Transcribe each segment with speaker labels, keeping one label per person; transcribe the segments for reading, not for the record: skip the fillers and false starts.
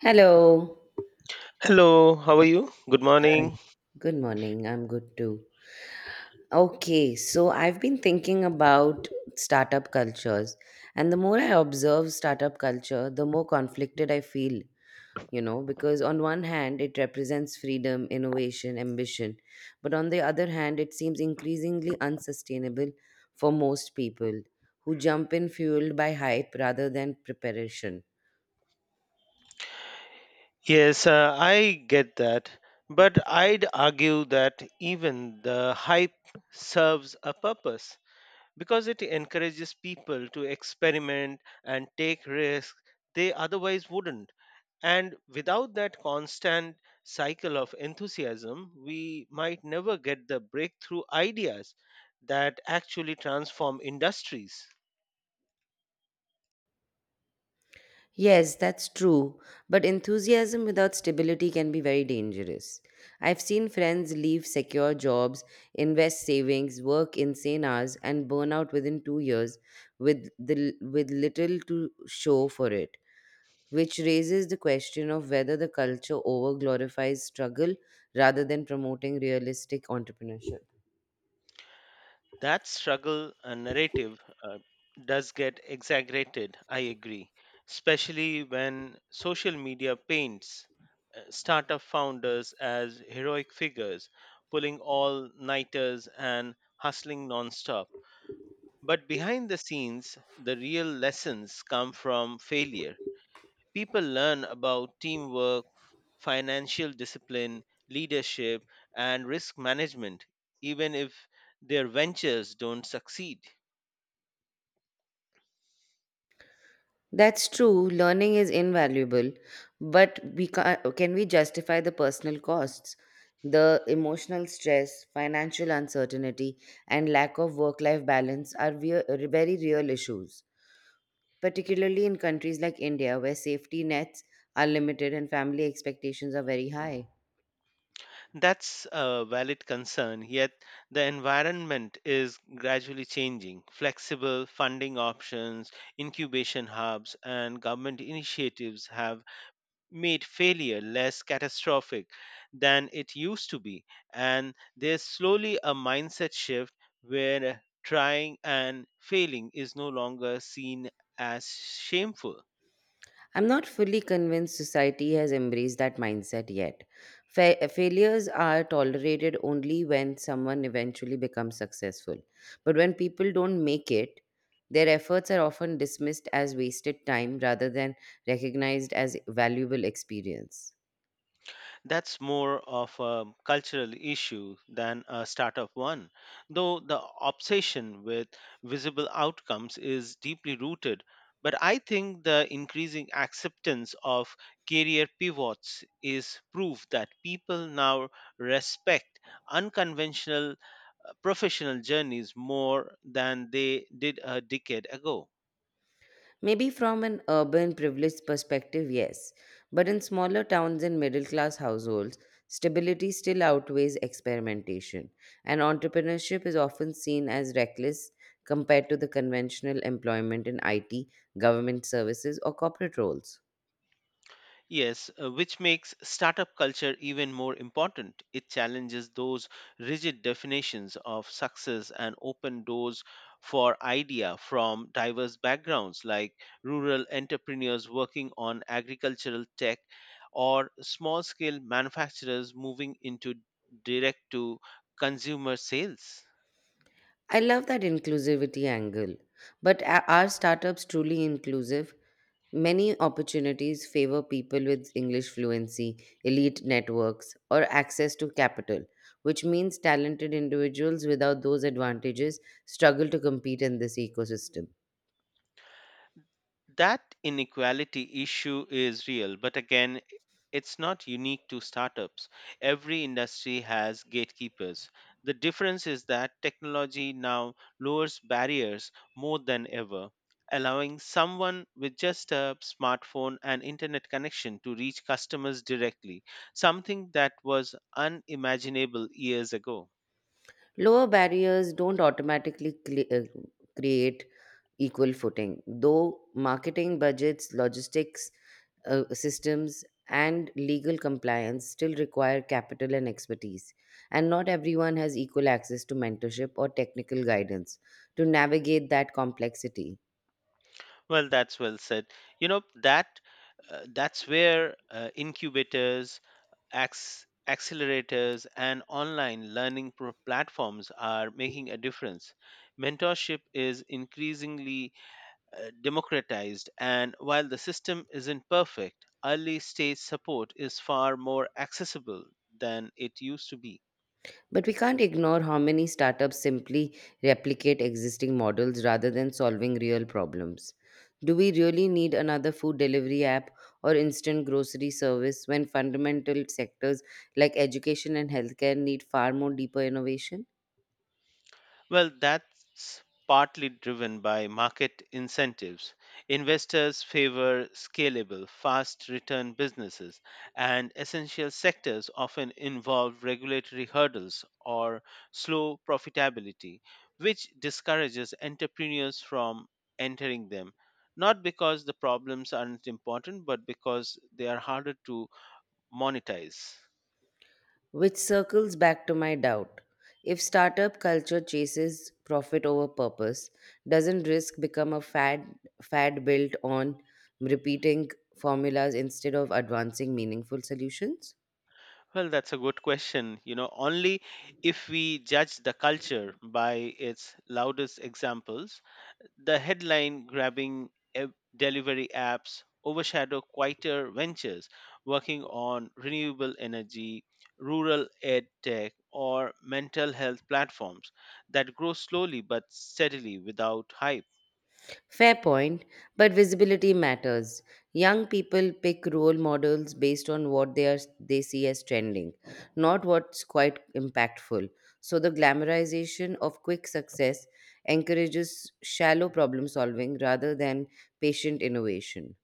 Speaker 1: Hello.
Speaker 2: Hello, how are you? Good
Speaker 1: Uh,
Speaker 2: morning.
Speaker 1: Good morning. I'm good too. Okay, so I've been thinking about startup cultures, and the more I observe startup culture, the more conflicted I feel, you know, because on one hand, it represents freedom, innovation, ambition, but on the other hand, it seems increasingly unsustainable for most people who jump in fueled by hype rather than preparation.
Speaker 2: Yes, I get that. But I'd argue that even the hype serves a purpose because it encourages people to experiment and take risks they otherwise wouldn't. And without that constant cycle of enthusiasm, we might never get the breakthrough ideas that actually transform industries.
Speaker 1: Yes, that's true. But enthusiasm without stability can be very dangerous. I've seen friends leave secure jobs, invest savings, work insane hours, and burn out within 2 years with little to show for it, which raises the question of whether the culture over glorifies struggle rather than promoting realistic entrepreneurship.
Speaker 2: That struggle narrative does get exaggerated, I agree, especially when social media paints startup founders as heroic figures, pulling all nighters and hustling nonstop. But behind the scenes, the real lessons come from failure. People learn about teamwork, financial discipline, leadership, and risk management, even if their ventures don't succeed.
Speaker 1: That's true. Learning is invaluable, but can we justify the personal costs? The emotional stress, financial uncertainty, and lack of work life balance are very real issues, particularly in countries like India where safety nets are limited and family expectations are very high.
Speaker 2: That's a valid concern, yet the environment is gradually changing. Flexible funding options, incubation hubs, and government initiatives have made failure less catastrophic than it used to be. And there's slowly a mindset shift where trying and failing is no longer seen as shameful.
Speaker 1: I'm not fully convinced society has embraced that mindset yet. Failures are tolerated only when someone eventually becomes successful. But when people don't make it, their efforts are often dismissed as wasted time rather than recognized as valuable experience.
Speaker 2: That's more of a cultural issue than a startup one, though the obsession with visible outcomes is deeply rooted. But I think the increasing acceptance of career pivots is proof that people now respect unconventional professional journeys more than they did a decade ago.
Speaker 1: Maybe from an urban privileged perspective, yes. But in smaller towns and middle class households, stability still outweighs experimentation, and entrepreneurship is often seen as reckless compared to the conventional employment in IT, government services, or corporate roles.
Speaker 2: Yes, which makes startup culture even more important. It challenges those rigid definitions of success and open doors for idea from diverse backgrounds like rural entrepreneurs working on agricultural tech or small-scale manufacturers moving into direct to consumer sales.
Speaker 1: I love that inclusivity angle. But are startups truly inclusive? Many opportunities favor people with English fluency, elite networks, or access to capital, which means talented individuals without those advantages struggle to compete in this ecosystem.
Speaker 2: That inequality issue is real, but again, it's not unique to startups. Every industry has gatekeepers. The difference is that technology now lowers barriers more than ever, allowing someone with just a smartphone and internet connection to reach customers directly, something that was unimaginable years ago.
Speaker 1: Lower barriers don't automatically create equal footing, though marketing budgets, logistics, systems and legal compliance still require capital and expertise, and not everyone has equal access to mentorship or technical guidance to navigate that complexity.
Speaker 2: Well, that's well said. You know, that that's where incubators, accelerators and online learning platforms are making a difference. Mentorship is increasingly democratized, and while the system isn't perfect, early stage support is far more accessible than it used to be.
Speaker 1: But we can't ignore how many startups simply replicate existing models rather than solving real problems. Do we really need another food delivery app or instant grocery service when fundamental sectors like education and healthcare need far more deeper innovation?
Speaker 2: Well, that's partly driven by market incentives. Investors favor scalable, fast return businesses, and essential sectors often involve regulatory hurdles or slow profitability, which discourages entrepreneurs from entering them. Not because the problems aren't important, but because they are harder to monetize.
Speaker 1: Which circles back to my doubt. If startup culture chases profit over purpose, doesn't risk become a fad built on repeating formulas instead of advancing meaningful solutions?
Speaker 2: Well, that's a good question. You know, only if we judge the culture by its loudest examples, the headline grabbing e- delivery apps overshadow quieter ventures working on renewable energy, rural ed tech, or mental health platforms that grow slowly but steadily without hype.
Speaker 1: Fair point, but visibility matters. Young people pick role models based on what they see as trending, not what's quite impactful. So the glamorization of quick success encourages shallow problem solving rather than patient innovation.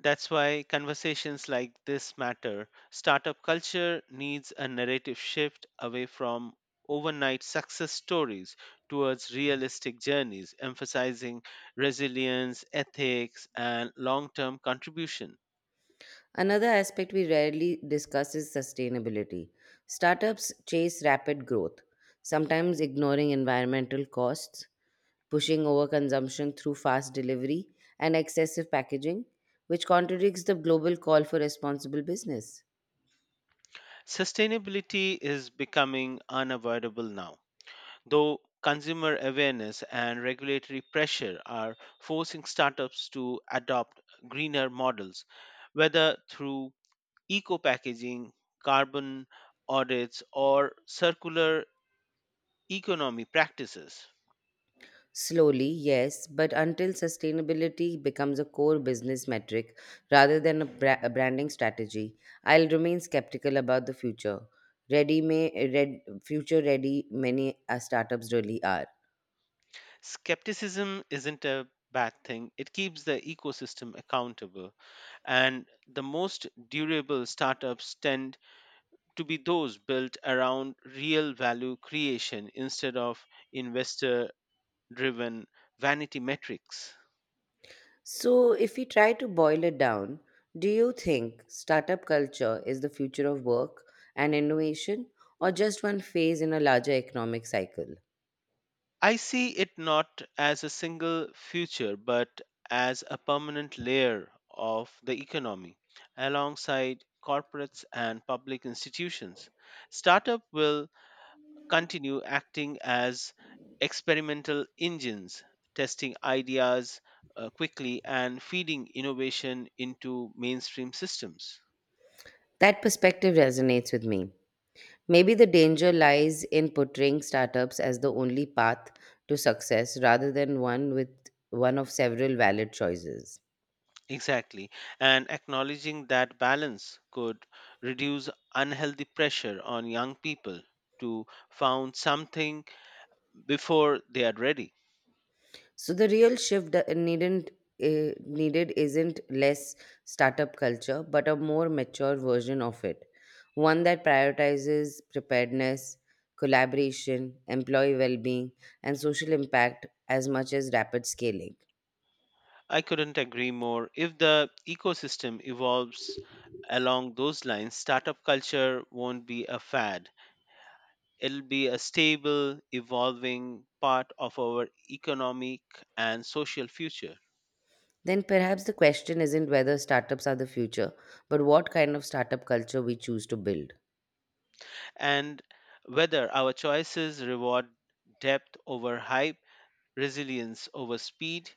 Speaker 2: That's why conversations like this matter. Startup culture needs a narrative shift away from overnight success stories towards realistic journeys, emphasizing resilience, ethics, and long term contribution.
Speaker 1: Another aspect we rarely discuss is sustainability. Startups chase rapid growth, sometimes ignoring environmental costs pushing overconsumption through fast delivery and excessive packaging, which contradicts the global call for responsible business.
Speaker 2: Sustainability is becoming unavoidable now, though consumer awareness and regulatory pressure are forcing startups to adopt greener models, whether through eco packaging, carbon audits, or circular economy practices.
Speaker 1: Slowly, yes, but until sustainability becomes a core business metric rather than a branding strategy, I'll remain skeptical about the future. Future ready, many startups really are.
Speaker 2: Skepticism isn't a bad thing. It keeps the ecosystem accountable, and the most durable startups tend to be those built around real value creation instead of investor driven vanity metrics.
Speaker 1: So, if we try to boil it down, do you think startup culture is the future of work and innovation, or just one phase in a larger economic cycle?
Speaker 2: I see it not as a single future, but as a permanent layer of the economy alongside corporates and public institutions. Startup will continue acting as experimental engines, testing ideas quickly and feeding innovation into mainstream systems.
Speaker 1: That perspective resonates with me. Maybe the danger lies in portraying startups as the only path to success rather than one of several valid choices.
Speaker 2: Exactly. And acknowledging that balance could reduce unhealthy pressure on young people to found something before they are ready.
Speaker 1: So the real shift that it needn't eh, needed isn't less startup culture, but a more mature version of it, one that prioritizes preparedness, collaboration, employee well-being, and social impact as much as rapid scaling.
Speaker 2: I couldn't agree more. If the ecosystem evolves along those lines, startup culture won't be a fad. It'll be a stable, evolving part of our economic and social future.
Speaker 1: Then perhaps the question isn't whether startups are the future, but what kind of startup culture we choose to build.
Speaker 2: And whether our choices reward depth over hype, resilience over speed,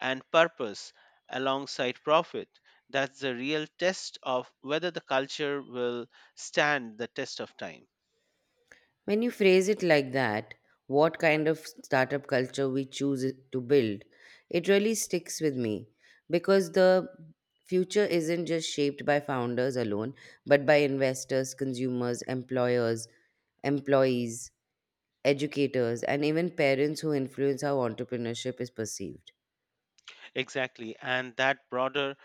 Speaker 2: and purpose alongside profit. That's the real test of whether the culture will stand the test of time.
Speaker 1: When you phrase it like that, what kind of startup culture we to build, it really sticks with me because the future isn't just shaped by founders alone, but by investors, consumers, employers, employees, educators, and even parents who influence how entrepreneurship is perceived.
Speaker 2: Exactly. And that broader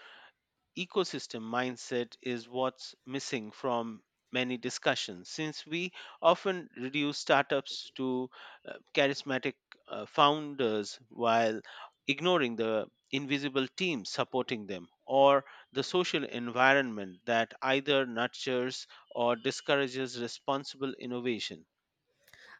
Speaker 2: ecosystem mindset is what's missing from many discussions, since we often reduce startups to charismatic founders while ignoring the invisible team supporting them or the social environment that either nurtures or discourages responsible innovation.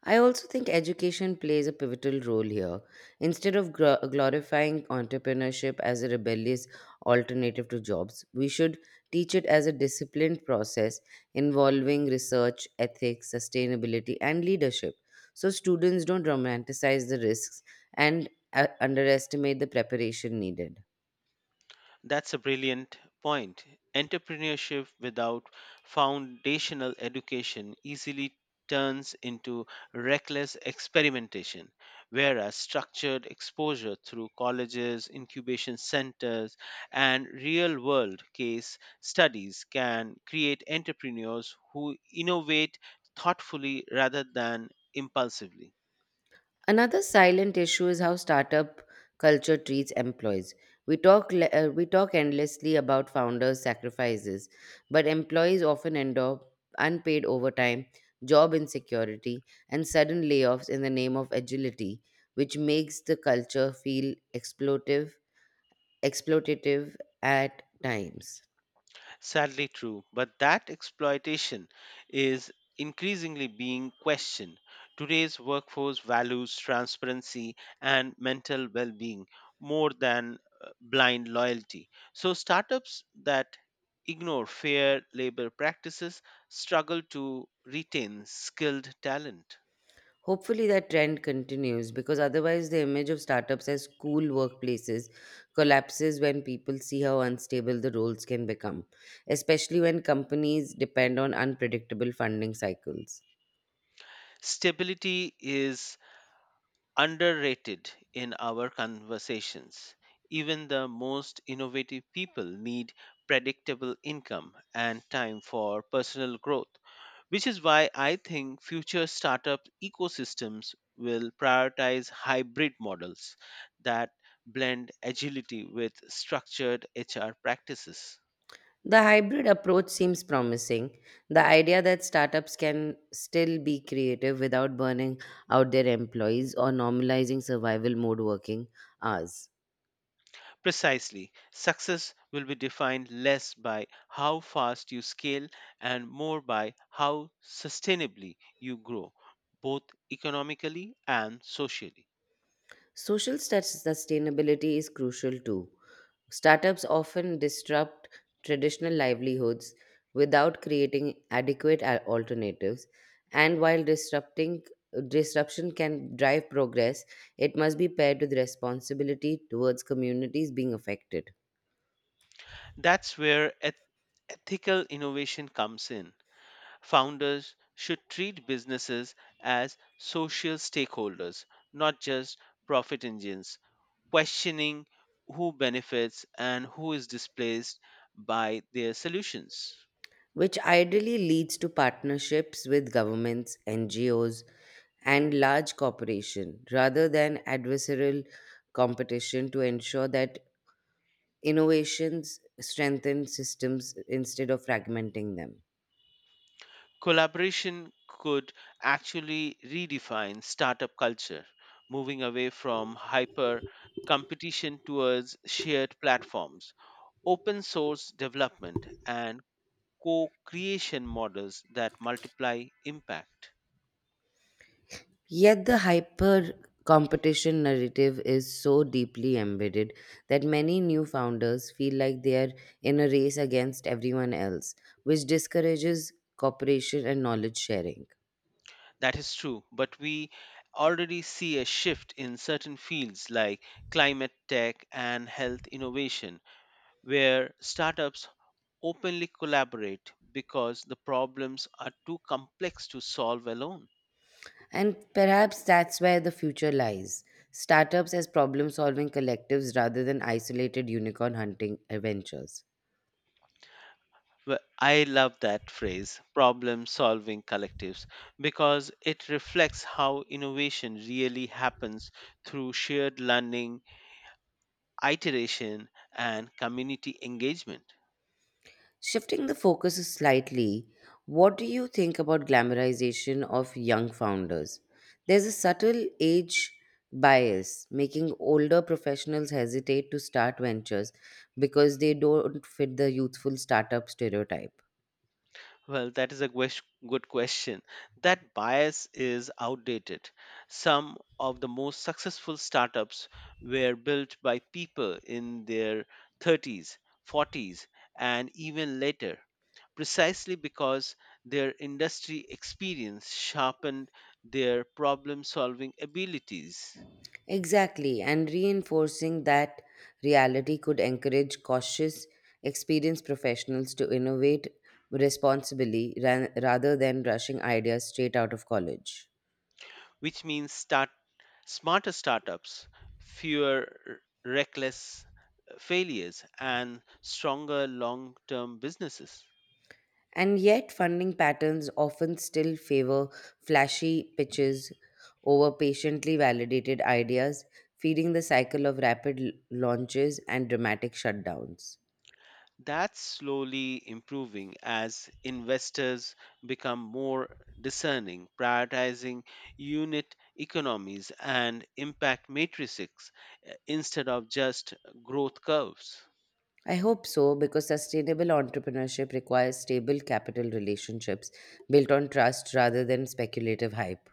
Speaker 1: I also think education plays a pivotal role here. Instead of glorifying entrepreneurship as a rebellious alternative to jobs, we should teach it as a disciplined process involving research, ethics, sustainability, and leadership. So students don't romanticize the risks and underestimate the preparation needed.
Speaker 2: That's a brilliant point. Entrepreneurship without foundational education easily turns into reckless experimentation, whereas structured exposure through colleges, incubation centers, and real world case studies can create entrepreneurs who innovate thoughtfully rather than impulsively.
Speaker 1: Another silent issue is how startup culture treats employees. We talk endlessly about founders' sacrifices, but employees often end up unpaid overtime, job insecurity, and sudden layoffs in the name of agility, which makes the culture feel exploitive, exploitative at times.
Speaker 2: Sadly true, but that exploitation is increasingly being questioned. Today's workforce values transparency and mental well being more than blind loyalty. So, startups that ignore fair labor practices struggle to retain skilled talent.
Speaker 1: Hopefully, that trend continues because otherwise, the image of startups as cool workplaces collapses when people see how unstable the roles can become, especially when companies depend on unpredictable funding cycles.
Speaker 2: Stability is underrated in our conversations. Even the most innovative people need predictable income and time for personal growth, which is why I think future startup ecosystems will prioritize hybrid models that blend agility with structured HR practices.
Speaker 1: The hybrid approach seems promising. The idea that startups can still be creative without burning out their employees or normalizing survival mode working hours.
Speaker 2: Precisely. Success will be defined less by how fast you scale and more by how sustainably you grow, both economically and socially.
Speaker 1: Sustainability is crucial too. Startups often disrupt traditional livelihoods without creating adequate alternatives, and while disrupting disruption can drive progress, it must be paired with responsibility towards communities being affected,
Speaker 2: That's where ethical innovation comes in. Founders should treat businesses as social stakeholders, not just profit engines, questioning who benefits and who is displaced by their solutions.
Speaker 1: which ideally leads to partnerships with governments, NGOs, and large corporations rather than adversarial competition to ensure that Innovations strengthen systems instead of fragmenting them.
Speaker 2: Collaboration could actually redefine startup culture, moving away from hyper competition towards shared platforms, open source development, and co creation models that multiply impact.
Speaker 1: Yet the hyper competition narrative is so deeply embedded that many new founders feel like they are in a race against everyone else, which discourages cooperation and knowledge sharing.
Speaker 2: That is true, but we already see a shift in certain fields like climate tech and health innovation, where startups openly collaborate because the problems are too complex to solve alone.
Speaker 1: And perhaps that's where the future lies startups as problem solving collectives rather than isolated unicorn hunting adventures.
Speaker 2: Well, I love that phrase, problem solving collectives, because it reflects how innovation really happens through shared learning, iteration, and community engagement.
Speaker 1: Shifting the focus slightly, what do you think about glamorization of young founders? There's a subtle age bias making older professionals hesitate to start ventures because they don't fit the youthful startup stereotype.
Speaker 2: Well, that is a good question. That bias is outdated. Some of the most successful startups were built by people in their 30s, 40s, and even later, precisely because their industry experience sharpened their problem solving abilities.
Speaker 1: Exactly, and reinforcing that reality could encourage cautious, experienced professionals to innovate rather than rushing ideas straight out of college.
Speaker 2: Which means start smarter startups, fewer reckless failures, and stronger long term businesses.
Speaker 1: And yet, funding patterns often still favor flashy pitches over patiently validated ideas, feeding the cycle of rapid launches and dramatic shutdowns.
Speaker 2: That's slowly improving as investors become more discerning, prioritizing unit economies and impact matrices instead of just growth curves.
Speaker 1: I hope so because sustainable entrepreneurship requires stable capital relationships built on trust rather than speculative hype.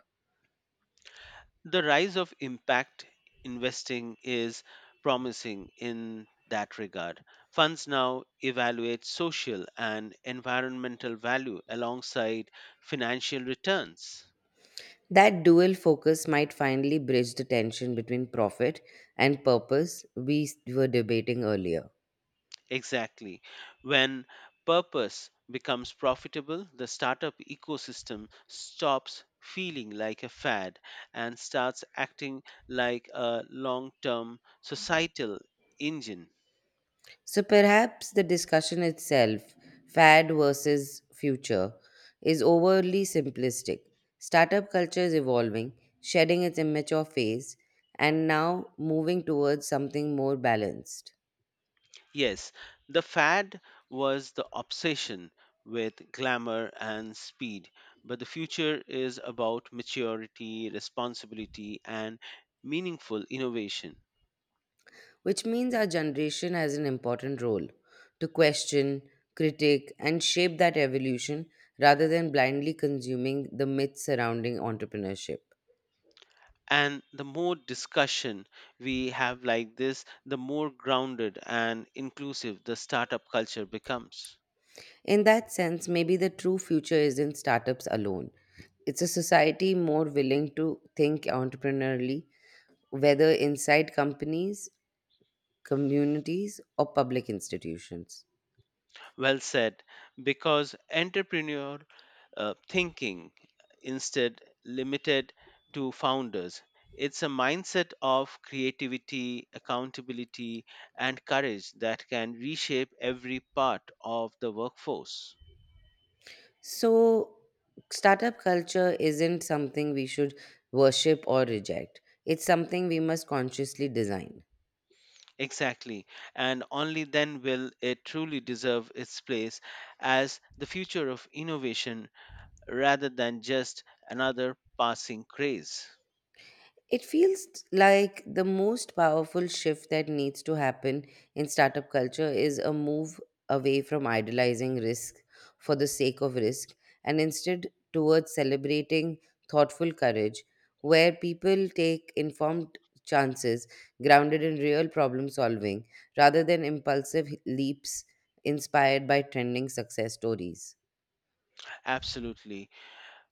Speaker 2: The rise of impact investing is promising in that regard. Funds now evaluate social and environmental value alongside financial returns.
Speaker 1: That dual focus might finally bridge the tension between profit and purpose were debating earlier.
Speaker 2: Exactly. When purpose becomes profitable, the startup ecosystem stops feeling like a fad and starts acting like a long term societal engine.
Speaker 1: So perhaps the discussion itself, fad versus future, is overly simplistic. Startup culture is evolving, shedding its immature phase, and now moving towards something more balanced.
Speaker 2: Yes, the fad was the obsession with glamour and speed, but the future is about maturity, responsibility, and meaningful innovation.
Speaker 1: Which means our generation has an important role to question, critique, and shape that evolution rather than blindly consuming the myths surrounding entrepreneurship.
Speaker 2: And the more discussion we have like this, the more grounded and inclusive the startup culture becomes.
Speaker 1: In that sense, maybe the true future isn't startups alone. It's a society more willing to think entrepreneurially, whether inside companies, communities, or public institutions.
Speaker 2: Well said, because entrepreneur thinking instead limited to founders. It's a mindset of creativity, accountability, and courage that can reshape every part of the workforce.
Speaker 1: So, startup culture isn't something we should worship or reject, it's something we must consciously design.
Speaker 2: Exactly, and only then will it truly deserve its place as the future of innovation rather than just another passing craze.
Speaker 1: It feels like the most powerful shift that needs to happen in startup culture is a move away from idolizing risk for the sake of risk and instead towards celebrating thoughtful courage, where people take informed chances grounded in real problem solving rather than impulsive leaps inspired by trending success stories.
Speaker 2: Absolutely.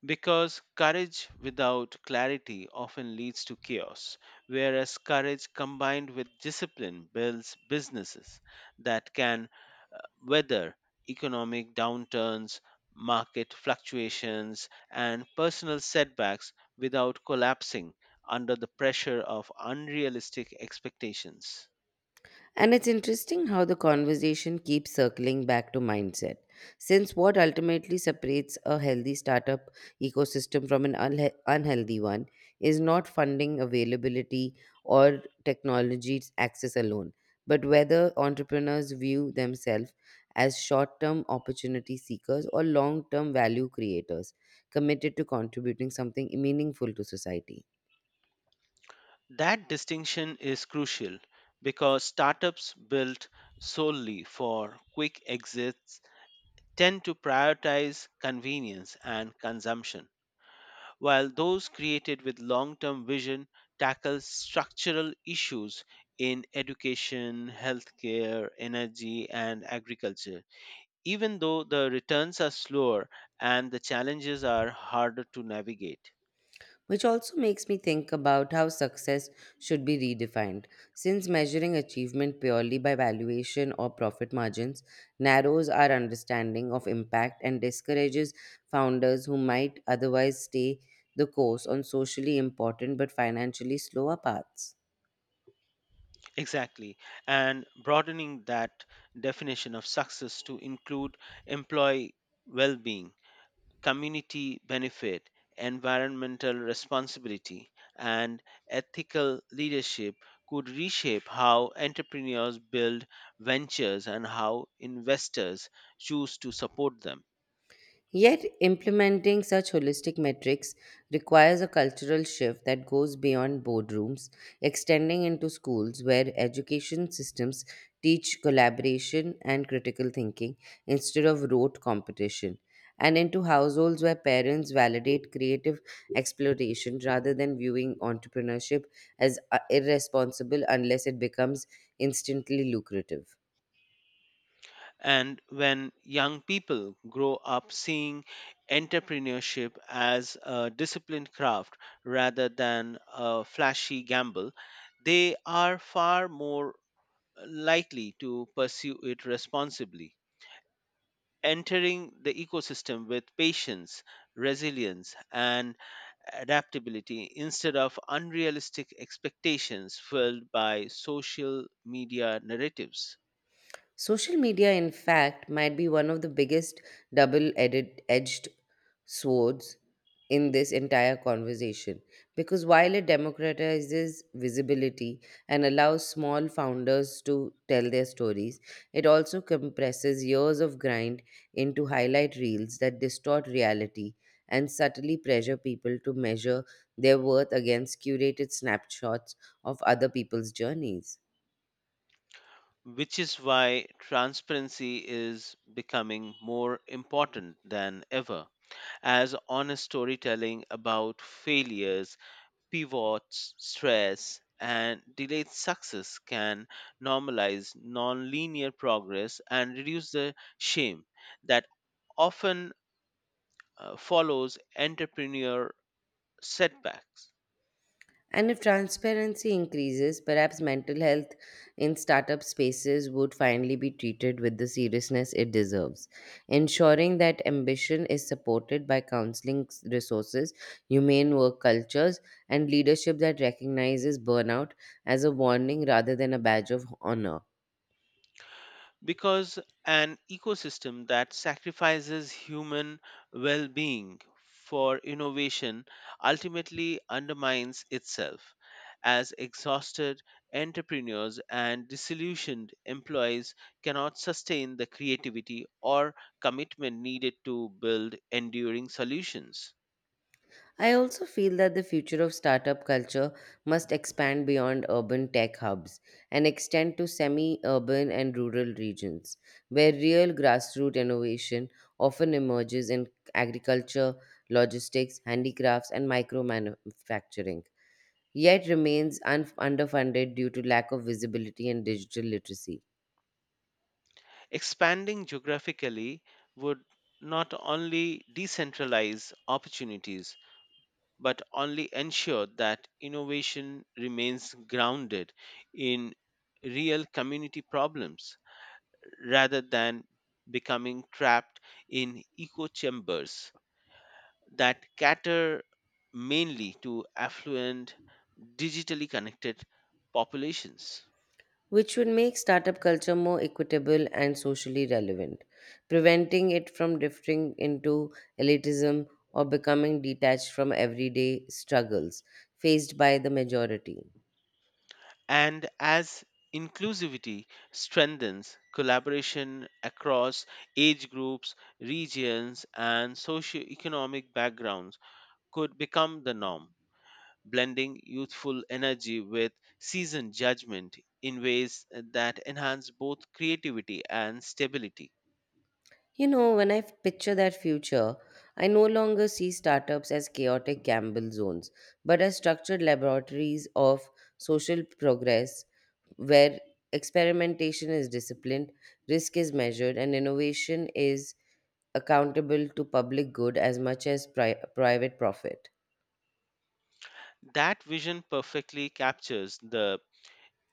Speaker 2: Because courage without clarity often leads to chaos, whereas courage combined with discipline builds businesses that can uh, weather economic downturns, market fluctuations, and personal setbacks without collapsing under the pressure of unrealistic expectations.
Speaker 1: And it's interesting how the conversation keeps circling back to mindset, since what ultimately separates a healthy startup ecosystem from an unhealthy one is not funding availability or technology access alone, but whether entrepreneurs view themselves as short term opportunity seekers or long term value creators committed to contributing something meaningful to society.
Speaker 2: That distinction is crucial because startups built solely for quick exits tend to prioritize convenience and consumption, while those created with long term vision tackle structural issues in education, healthcare, energy, and agriculture, even though the returns are slower and the challenges are harder to navigate.
Speaker 1: Which also makes me think about how success should be redefined, since measuring achievement purely by valuation or profit margins narrows our understanding of impact and discourages founders who might otherwise stay the course on socially important but financially slower paths.
Speaker 2: Exactly, and broadening that definition of success to include employee well being, community benefit, environmental responsibility, and ethical leadership could reshape how entrepreneurs build ventures and how investors choose to support them.
Speaker 1: Yet, implementing such holistic metrics requires a cultural shift that goes beyond boardrooms, extending into schools where education systems teach collaboration and critical thinking instead of rote competition, and into households where parents validate creative exploration rather than viewing entrepreneurship as irresponsible unless it becomes instantly lucrative.
Speaker 2: And when young people grow up seeing entrepreneurship as a disciplined craft rather than a flashy gamble, they are far more likely to pursue it responsibly, entering the ecosystem with patience, resilience, and adaptability instead of unrealistic expectations filled by social media narratives.
Speaker 1: Social media, in fact, might be one of the biggest double edged swords in this entire conversation because while it democratizes visibility and allows small founders to tell their stories, it also compresses years of grind into highlight reels that distort reality and subtly pressure people to measure their worth against curated snapshots of other people's journeys.
Speaker 2: Which is why transparency is becoming more important than ever, as honest storytelling about failures, pivots, stress, and delayed success can normalize nonlinear progress and reduce the shame that often follows entrepreneur setbacks.
Speaker 1: And if transparency increases, perhaps mental health in startup spaces would finally be treated with the seriousness it deserves. Ensuring that ambition is supported by counseling resources, humane work cultures, and leadership that recognizes burnout as a warning rather than a badge of honor.
Speaker 2: Because an ecosystem that sacrifices human well being for innovation ultimately undermines itself, as exhausted entrepreneurs and disillusioned employees cannot sustain the creativity or commitment needed to build enduring solutions.
Speaker 1: I also feel that the future of startup culture must expand beyond urban tech hubs and extend to semi urban and rural regions, where real grassroots innovation often emerges in agriculture, logistics, handicrafts, and micro manufacturing, yet remains underfunded due to lack of visibility and digital literacy.
Speaker 2: Expanding geographically would not only decentralize opportunities but only ensure that innovation remains grounded in real community problems rather than becoming trapped in echo chambers that cater mainly to affluent, digitally connected populations.
Speaker 1: Which would make startup culture more equitable and socially relevant, preventing it from drifting into elitism or becoming detached from everyday struggles faced by the majority.
Speaker 2: And as inclusivity strengthens, collaboration across age groups, regions, and socioeconomic backgrounds could become the norm, blending youthful energy with seasoned judgment in ways that enhance both creativity and stability.
Speaker 1: You know, when I picture that future, I no longer see startups as chaotic gamble zones, but as structured laboratories of social progress where experimentation is disciplined, risk is measured, and innovation is accountable to public good as much as private profit.
Speaker 2: That vision perfectly captures the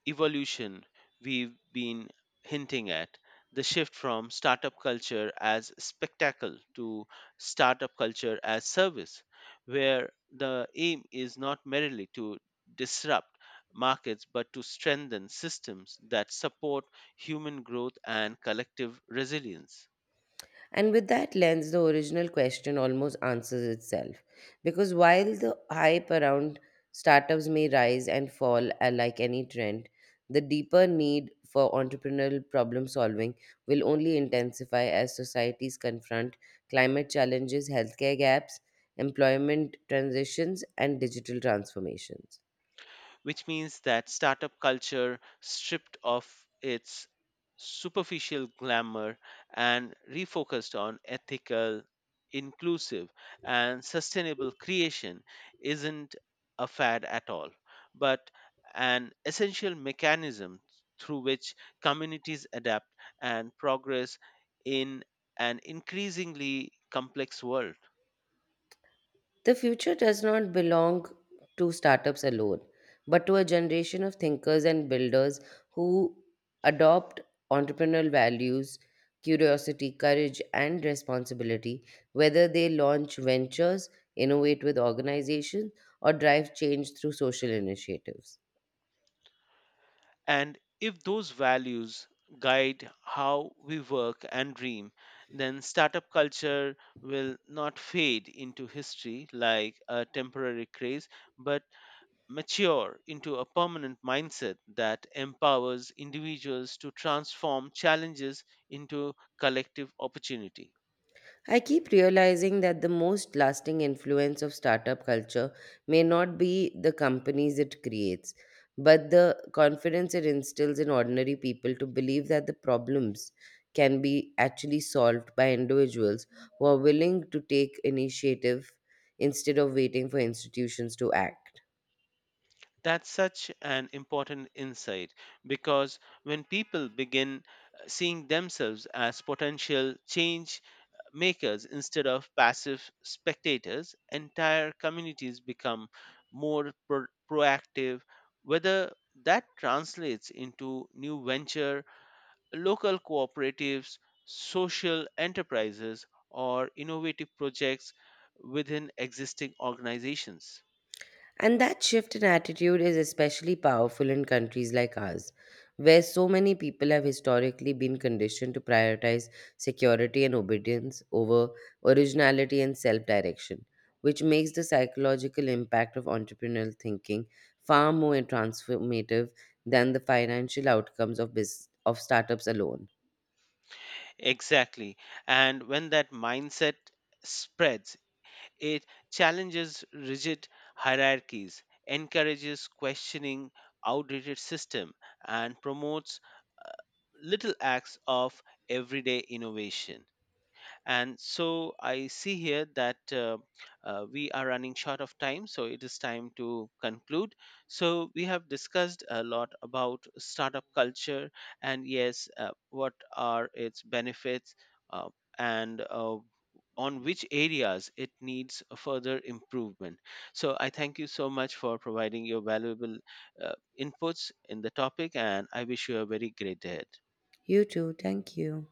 Speaker 2: evolution we've been hinting at, the shift from startup culture as spectacle to startup culture as service, where the aim is not merely to disrupt markets but to strengthen systems that support human growth and collective resilience.
Speaker 1: And with that lens, the original question almost answers itself. Because while the hype around startups may rise and fall like any trend, the deeper need for entrepreneurial problem solving will only intensify as societies confront climate challenges, healthcare gaps, employment transitions, and digital transformations.
Speaker 2: Which means that startup culture, stripped of its superficial glamour and refocused on ethical, inclusive, and sustainable creation, isn't a fad at all, but an essential mechanism through which communities adapt and progress in an increasingly complex world.
Speaker 1: The future does not belong to startups alone, but to a generation of thinkers and builders who adopt entrepreneurial values, curiosity, courage, and responsibility, whether they launch ventures, innovate with organizations, or drive change through social initiatives.
Speaker 2: And if those values guide how we work and dream, then startup culture will not fade into history like a temporary craze, but mature into a permanent mindset that empowers individuals to transform challenges into collective opportunity.
Speaker 1: I keep realizing that the most lasting influence of startup culture may not be the companies it creates, but the confidence it instills in ordinary people to believe that the problems can be actually solved by individuals who are willing to take initiative instead of waiting for institutions to act.
Speaker 2: That's such an important insight, because when people begin seeing themselves as potential change makers instead of passive spectators, entire communities become more proactive, whether that translates into new venture, local cooperatives, social enterprises, or innovative projects within existing organizations.
Speaker 1: And that shift in attitude is especially powerful in countries like ours, where so many people have historically been conditioned to prioritize security and obedience over originality and self direction, which makes the psychological impact of entrepreneurial thinking far more transformative than the financial outcomes of startups alone.
Speaker 2: Exactly. And when that mindset spreads, it challenges rigid hierarchies, encourages questioning outdated system and promotes little acts of everyday innovation. And so I see here that we are running short of time, so it is time to conclude. So we have discussed a lot about startup culture and yes, what are its benefits, uh, and on which areas it needs a further improvement. So I thank you so much for providing your valuable uh, inputs in the topic and I wish you a very great day ahead.
Speaker 1: You too. Thank you.